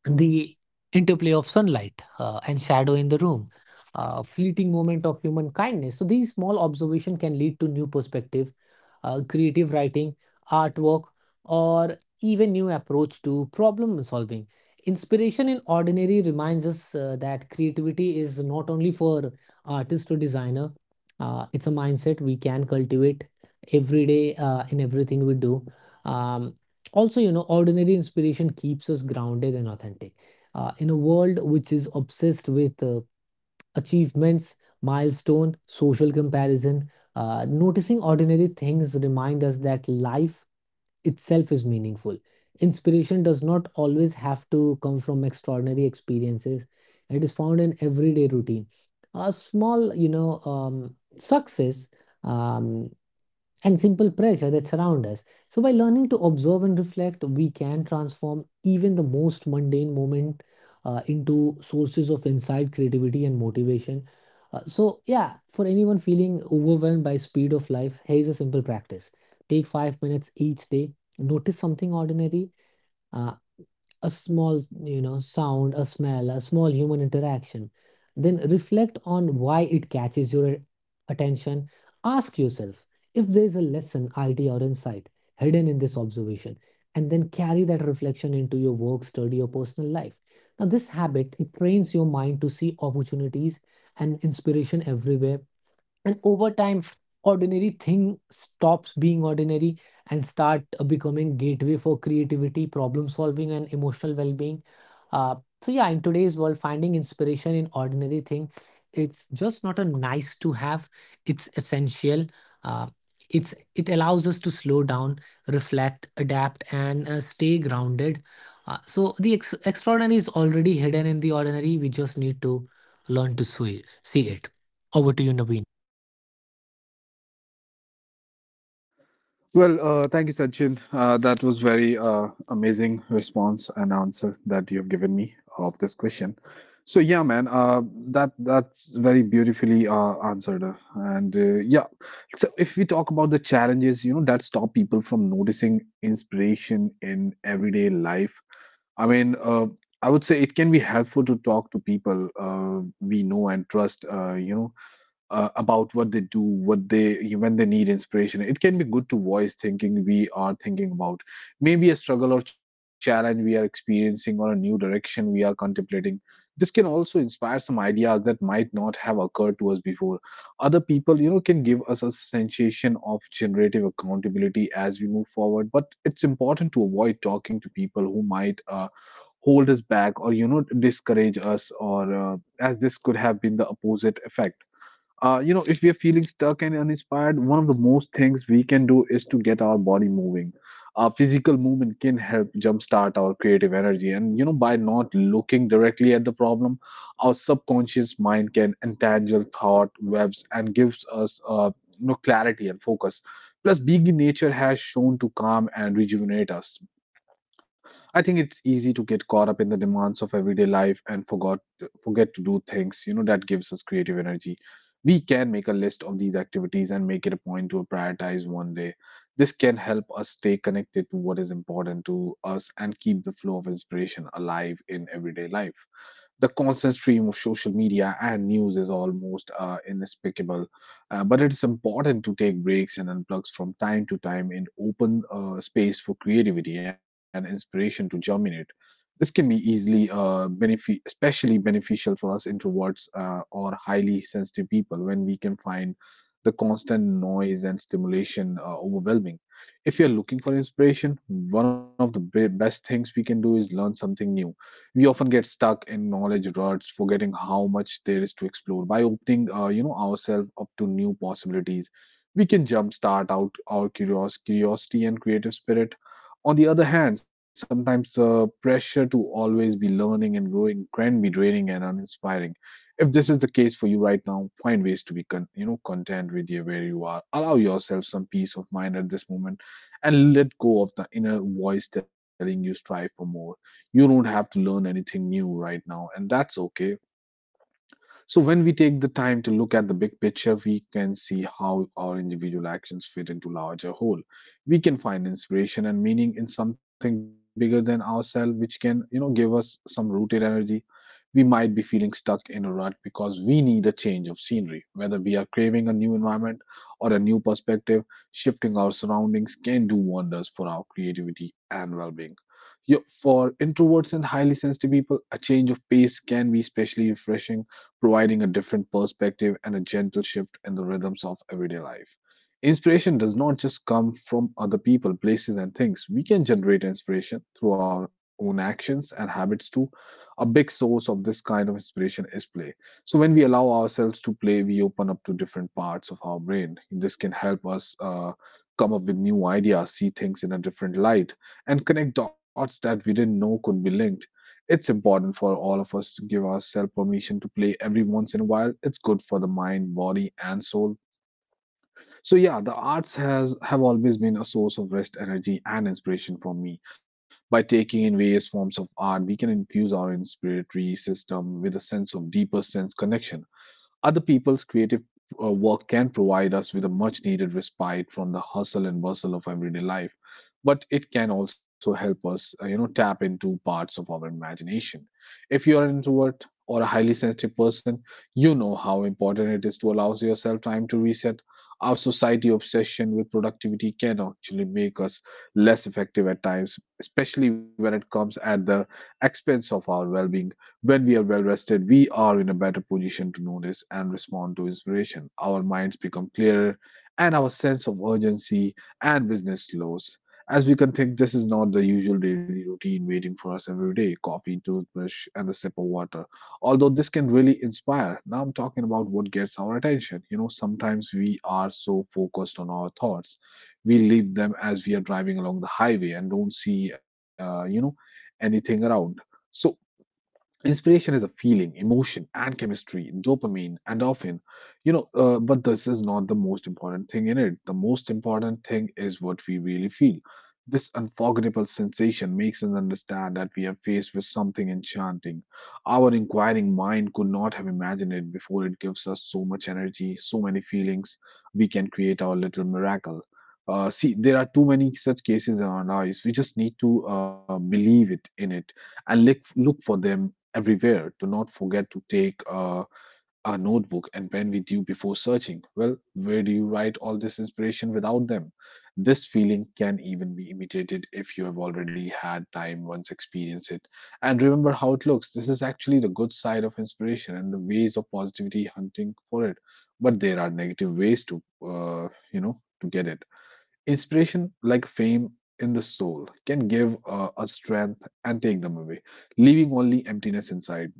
[SPEAKER 2] the interplay of sunlight, uh, and shadow in the room, uh, fleeting moment of human kindness. So these small observation can lead to new perspective, uh, creative writing, artwork, or even new approach to problem solving. Inspiration in ordinary reminds us, uh, that creativity is not only for artist or designer. Uh, it's a mindset we can cultivate every day, uh, in everything we do. Um, also you know ordinary inspiration keeps us grounded and authentic, uh, in a world which is obsessed with, uh, achievements, milestone, social comparison. Uh, noticing ordinary things remind us that life itself is meaningful. Inspiration does not always have to come from extraordinary experiences. It is found in everyday routine, a small, you know um, success, um, and simple pressure that surround us. So by learning to observe and reflect, we can transform even the most mundane moment, uh, into sources of insight, creativity, and motivation. Uh, so, yeah, for anyone feeling overwhelmed by speed of life, here's a simple practice: take five minutes each day, notice something ordinary. uh, a small, you know, sound, a smell, a small human interaction, then reflect on why it catches your attention. Ask yourself if there is a lesson, idea, or insight hidden in this observation, and then carry that reflection into your work, study, or personal life. Now, this habit, it trains your mind to see opportunities and inspiration everywhere. And over time, ordinary thing stops being ordinary and start, uh, becoming gateway for creativity, problem solving, and emotional well-being. uh, so, yeah, in today's world, finding inspiration in ordinary thing, it's just not a nice to have, it's essential. Uh, it's it allows us to slow down, reflect, adapt, and, uh, stay grounded. Uh, so the ex- extraordinary is already hidden in the ordinary. We just need to learn to see see it. Over to you, Naveen.
[SPEAKER 1] Well, uh, thank you, Sachin. Uh, that was very uh, amazing response and answer that you have given me of this question. So yeah, man, uh, that that's very beautifully uh, answered, uh, and uh, yeah. So if we talk about the challenges, you know, that stop people from noticing inspiration in everyday life, I mean, uh, I would say it can be helpful to talk to people uh, we know and trust. Uh, you know uh, about what they do, what they when they need inspiration. It can be good to voice thinking we are thinking about, maybe a struggle or challenge we are experiencing, or a new direction we are contemplating. This can also inspire some ideas that might not have occurred to us before. Other people, you know, can give us a sensation of generative accountability as we move forward. But it's important to avoid talking to people who might. Uh, hold us back or you know discourage us or uh, as this could have been the opposite effect. uh, you know if we are feeling stuck and uninspired, one of the most things we can do is to get our body moving. Uh, physical movement can help jumpstart our creative energy, and you know by not looking directly at the problem, our subconscious mind can entangle thought webs and gives us uh, you know clarity and focus. Plus being in nature has shown to calm and rejuvenate us. I think it's easy to get caught up in the demands of everyday life and forgot forget to do things, you know, that gives us creative energy. We can make a list of these activities and make it a point to prioritize one day. This can help us stay connected to what is important to us and keep the flow of inspiration alive in everyday life. The constant stream of social media and news is almost uh, inexplicable. Uh, but it's important to take breaks and unplug from time to time in open uh, space for creativity and inspiration to germinate. This can be easily uh, benefi- especially beneficial for us introverts uh, or highly sensitive people when we can find the constant noise and stimulation uh, overwhelming. If you're looking for inspiration, one of the be- best things we can do is learn something new. We often get stuck in knowledge ruts, forgetting how much there is to explore. By opening, uh, you know, ourselves up to new possibilities, we can jumpstart out our curios- curiosity and creative spirit. On the other hand, sometimes the pressure to always be learning and growing can be draining and uninspiring. If this is the case for you right now, find ways to be con- you know content with you where you are. Allow yourself some peace of mind at this moment, and let go of the inner voice telling you strive for more. You don't have to learn anything new right now, and that's okay. So when we take the time to look at the big picture, we can see how our individual actions fit into larger whole. We can find inspiration and meaning in something bigger than ourselves, which can, you know, give us some rooted energy. We might be feeling stuck in a rut because we need a change of scenery, whether we are craving a new environment or a new perspective, shifting our surroundings can do wonders for our creativity and well-being. For introverts and highly sensitive people, a change of pace can be especially refreshing, providing a different perspective and a gentle shift in the rhythms of everyday life. Inspiration does not just come from other people, places, and things. We can generate inspiration through our own actions and habits too. A big source of this kind of inspiration is play. So when we allow ourselves to play, we open up to different parts of our brain. This can help us uh, come up with new ideas, see things in a different light, and connect dots that we didn't know could be linked. It's important for all of us to give ourselves permission to play every once in a while. It's good for the mind, body, and soul. So yeah, the arts has have always been a source of rest, energy, and inspiration for me. By taking in various forms of art, we can infuse our inspiratory system with a sense of deeper sense connection. Other people's creative uh, work can provide us with a much needed respite from the hustle and bustle of everyday life, but it can also help us, uh, you know, tap into parts of our imagination. If you are an introvert or a highly sensitive person, you know how important it is to allow yourself time to reset. Our society obsession with productivity can actually make us less effective at times, especially when it comes at the expense of our well being. When we are well rested, we are in a better position to notice and respond to inspiration. Our minds become clearer, and our sense of urgency and business slows. As we can think, this is not the usual daily routine waiting for us every day coffee, toothbrush, and a sip of water. Although this can really inspire. Now I'm talking about what gets our attention. You know, sometimes we are so focused on our thoughts, we leave them as we are driving along the highway and don't see, uh, you know, anything around. So inspiration is a feeling, emotion, and chemistry, dopamine, and often, you know, uh, but this is not the most important thing in it. The most important thing is what we really feel. This unforgettable sensation makes us understand that we are faced with something enchanting. Our inquiring mind could not have imagined it before it gives us so much energy, so many feelings. We can create our little miracle. Uh, see, there are too many such cases in our lives. We just need to uh, believe it in it and look look for them everywhere. Do not forget to take uh, a notebook and pen with you before searching. Well, where do you write all this inspiration without them? This feeling can even be imitated if you have already had time once experience it. And remember how it looks. This is actually the good side of inspiration and the ways of positivity hunting for it. But there are negative ways to, uh, you know, to get it. Inspiration, like fame in the soul, can give uh, us strength and take them away leaving only emptiness inside.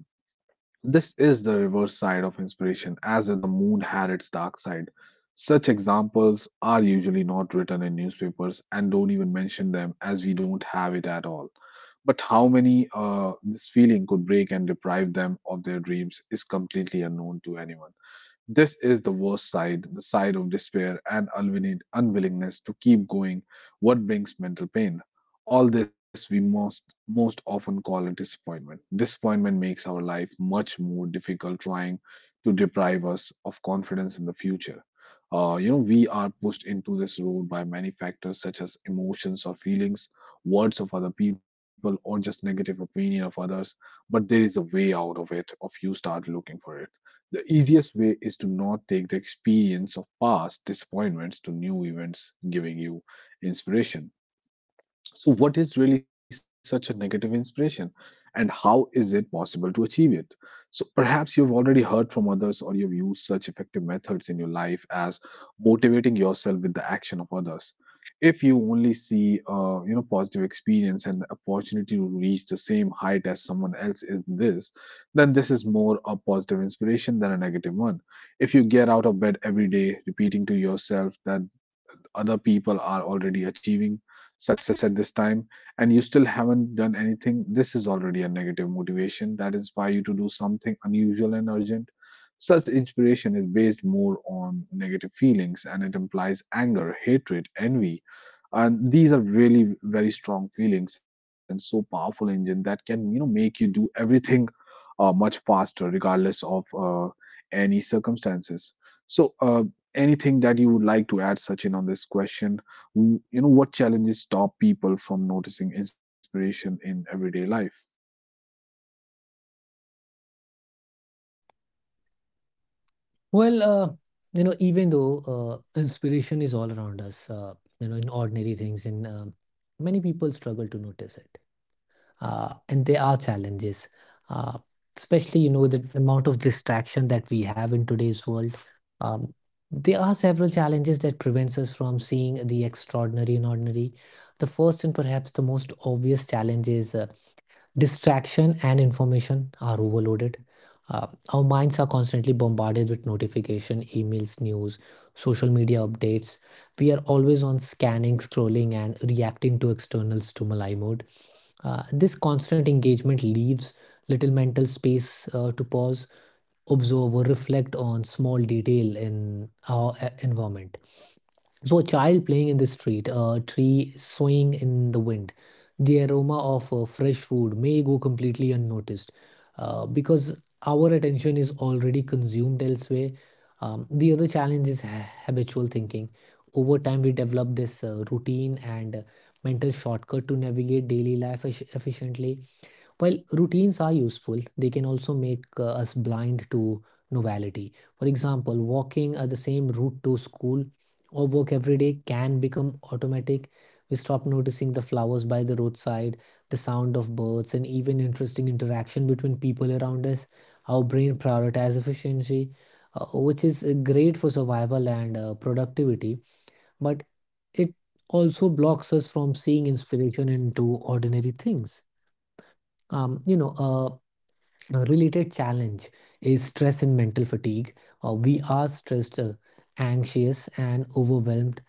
[SPEAKER 1] This is the reverse side of inspiration, as if the moon had its dark side. Such examples are usually not written in newspapers and don't even mention them as we don't have it at all. But how many uh, this feeling could break and deprive them of their dreams is completely unknown to anyone. This is the worst side, the side of despair and unwilling- unwillingness to keep going, what brings mental pain. All this we most, most often call a disappointment. Disappointment makes our life much more difficult, trying to deprive us of confidence in the future. Uh, you know, we are pushed into this road by many factors such as emotions or feelings, words of other people, or just negative opinion of others. But there is a way out of it if you start looking for it. The easiest way is to not take the experience of past disappointments to new events giving you inspiration. So, what is really such a negative inspiration, and how is it possible to achieve it? So, perhaps you've already heard from others or you've used such effective methods in your life as motivating yourself with the action of others. If you only see, uh, you know, positive experience and the opportunity to reach the same height as someone else is this, then this is more a positive inspiration than a negative one. If you get out of bed every day, repeating to yourself that other people are already achieving success at this time and you still haven't done anything, this is already a negative motivation that inspires you to do something unusual and urgent. Such inspiration is based more on negative feelings and it implies anger, hatred, envy, and these are really very strong feelings and so powerful engine that can you know make you do everything uh, much faster regardless of uh, any circumstances. So uh, anything that you would like to add, Sachin, on this question? W- you know what challenges stop people from noticing inspiration in everyday life?
[SPEAKER 2] Well, uh, you know, even though, uh, inspiration is all around us, uh, you know, in ordinary things, and um many people struggle to notice it. Uh, and there are challenges, uh, especially, you know, the amount of distraction that we have in today's world. Um, there are several challenges that prevents us from seeing the extraordinary in ordinary. The first and perhaps the most obvious challenge is, uh, distraction and information are overloaded. Uh, our minds are constantly bombarded with notification, emails, news, social media updates. We are always on scanning, scrolling, and reacting to external stimuli mode. Uh, this constant engagement leaves little mental space, uh, to pause, observe, or reflect on small detail in our, uh, environment. So, a child playing in the street, a tree swaying in the wind, the aroma of, uh, fresh food may go completely unnoticed, uh, because our attention is already consumed elsewhere. Um, the other challenge is ha- habitual thinking. Over time, we develop this, uh, routine and, uh, mental shortcut to navigate daily life effi- efficiently. While routines are useful, they can also make, uh, us blind to novelty. For example, walking at the same route to school or work every day can become automatic. We stop noticing the flowers by the roadside, the sound of birds, and even interesting interaction between people around us. Our brain prioritizes efficiency, uh, which is, uh, great for survival and, uh, productivity, but it also blocks us from seeing inspiration into ordinary things. um, you know, uh, a related challenge is stress and mental fatigue. Uh, we are stressed, uh, anxious, and overwhelmed.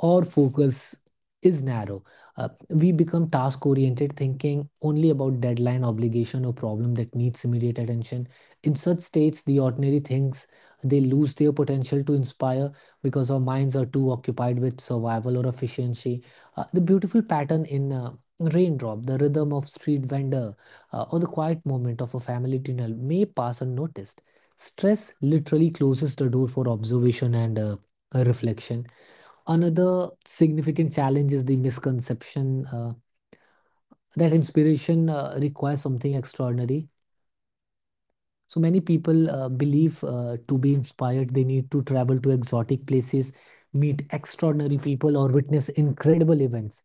[SPEAKER 2] Our focus is narrow. Uh, we become task oriented, thinking only about deadline, obligation, or problem that needs immediate attention. In such states, the ordinary things, they lose their potential to inspire because our minds are too occupied with survival or efficiency. Uh, the beautiful pattern in, uh, raindrop, the rhythm of street vendor, uh, or the quiet moment of a family dinner may pass unnoticed. Stress literally closes the door for observation and, uh, reflection. Another significant challenge is the misconception, uh, that inspiration, uh, requires something extraordinary. So many people, uh, believe, uh, to be inspired, they need to travel to exotic places, meet extraordinary people, or witness incredible events.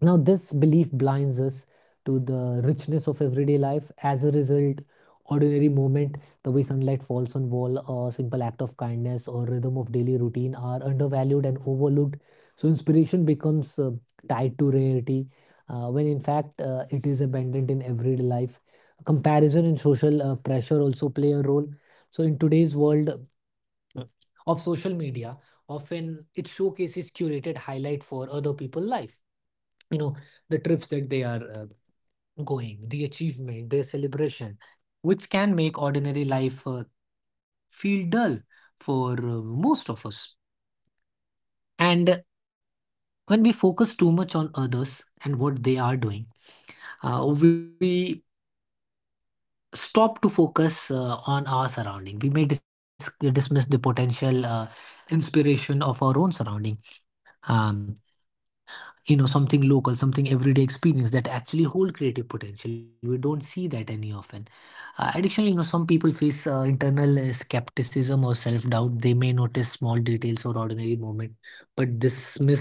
[SPEAKER 2] Now, this belief blinds us to the richness of everyday life. As a result, ordinary moment, the way sunlight falls on wall, or simple act of kindness or rhythm of daily routine are undervalued and overlooked. So, inspiration becomes, uh, tied to rarity, uh, when in fact, uh, it is abundant in everyday life. Comparison and social, uh, pressure also play a role. So in today's world, uh, of social media, often it showcases curated highlight for other people's life. You know, the trips that they are, uh, going, the achievement, their celebration, which can make ordinary life, uh, feel dull for, uh, most of us. And when we focus too much on others and what they are doing, uh, we stop to focus, uh, on our surrounding. We may dis- dismiss the potential, uh, inspiration of our own surrounding. Um, you know Something local, something everyday experience that actually hold creative potential we don't see that any often. Uh, additionally, you know some people face, uh, internal, uh, skepticism or self-doubt. They may notice small details or ordinary moment but dismiss the,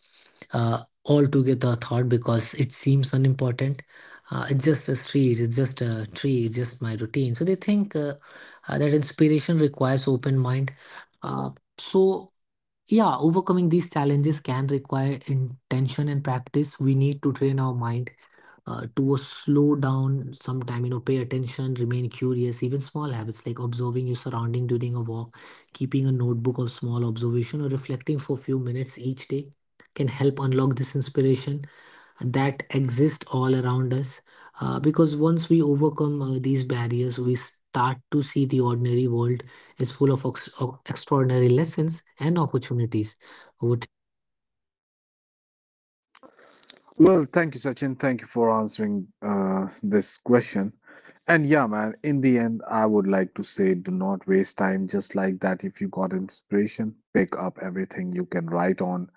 [SPEAKER 2] uh, altogether thought because it seems unimportant. Uh, it's just a street, it's just a tree, it's just my routine, so they think, uh, uh, that inspiration requires open mind. uh, so, yeah, overcoming these challenges can require intention and practice. We need to train our mind, uh, to, uh, slow down sometime, you know, pay attention, remain curious. Even small habits like observing your surrounding during a walk, keeping a notebook of small observation, or reflecting for a few minutes each day can help unlock this inspiration that exist all around us. Uh, because once we overcome, uh, these barriers, we start to see the ordinary world is full of, ox- of extraordinary lessons and opportunities. Over to you, Naveen.
[SPEAKER 1] Well, thank you, Sachin. Thank you for answering uh, this question. And yeah, man, in the end, I would like to say do not waste time just like that. If you got inspiration, pick up everything you can write on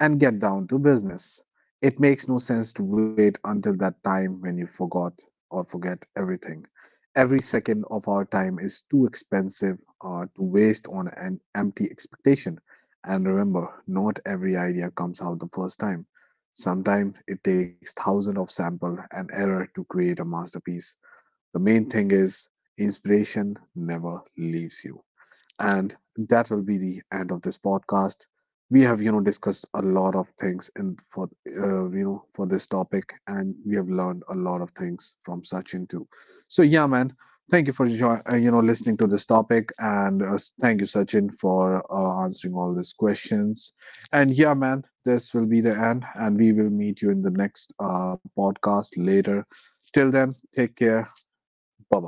[SPEAKER 1] and get down to business. It makes no sense to wait until that time when you forgot or forget everything. Every second of our time is too expensive uh, to waste on an empty expectation. And remember, not every idea comes out the first time. Sometimes it takes thousands of sample and error to create a masterpiece. The main thing is inspiration never leaves you. And that will be the end of this podcast. We have you know, discussed a lot of things in for uh, you know for this topic, and we have learned a lot of things from Sachin too. So yeah, man, thank you for jo- uh, you know listening to this topic, and uh, s- thank you, Sachin, for uh, answering all these questions. And yeah, man, this will be the end, and we will meet you in the next uh, podcast later. Till then, take care. Bye bye.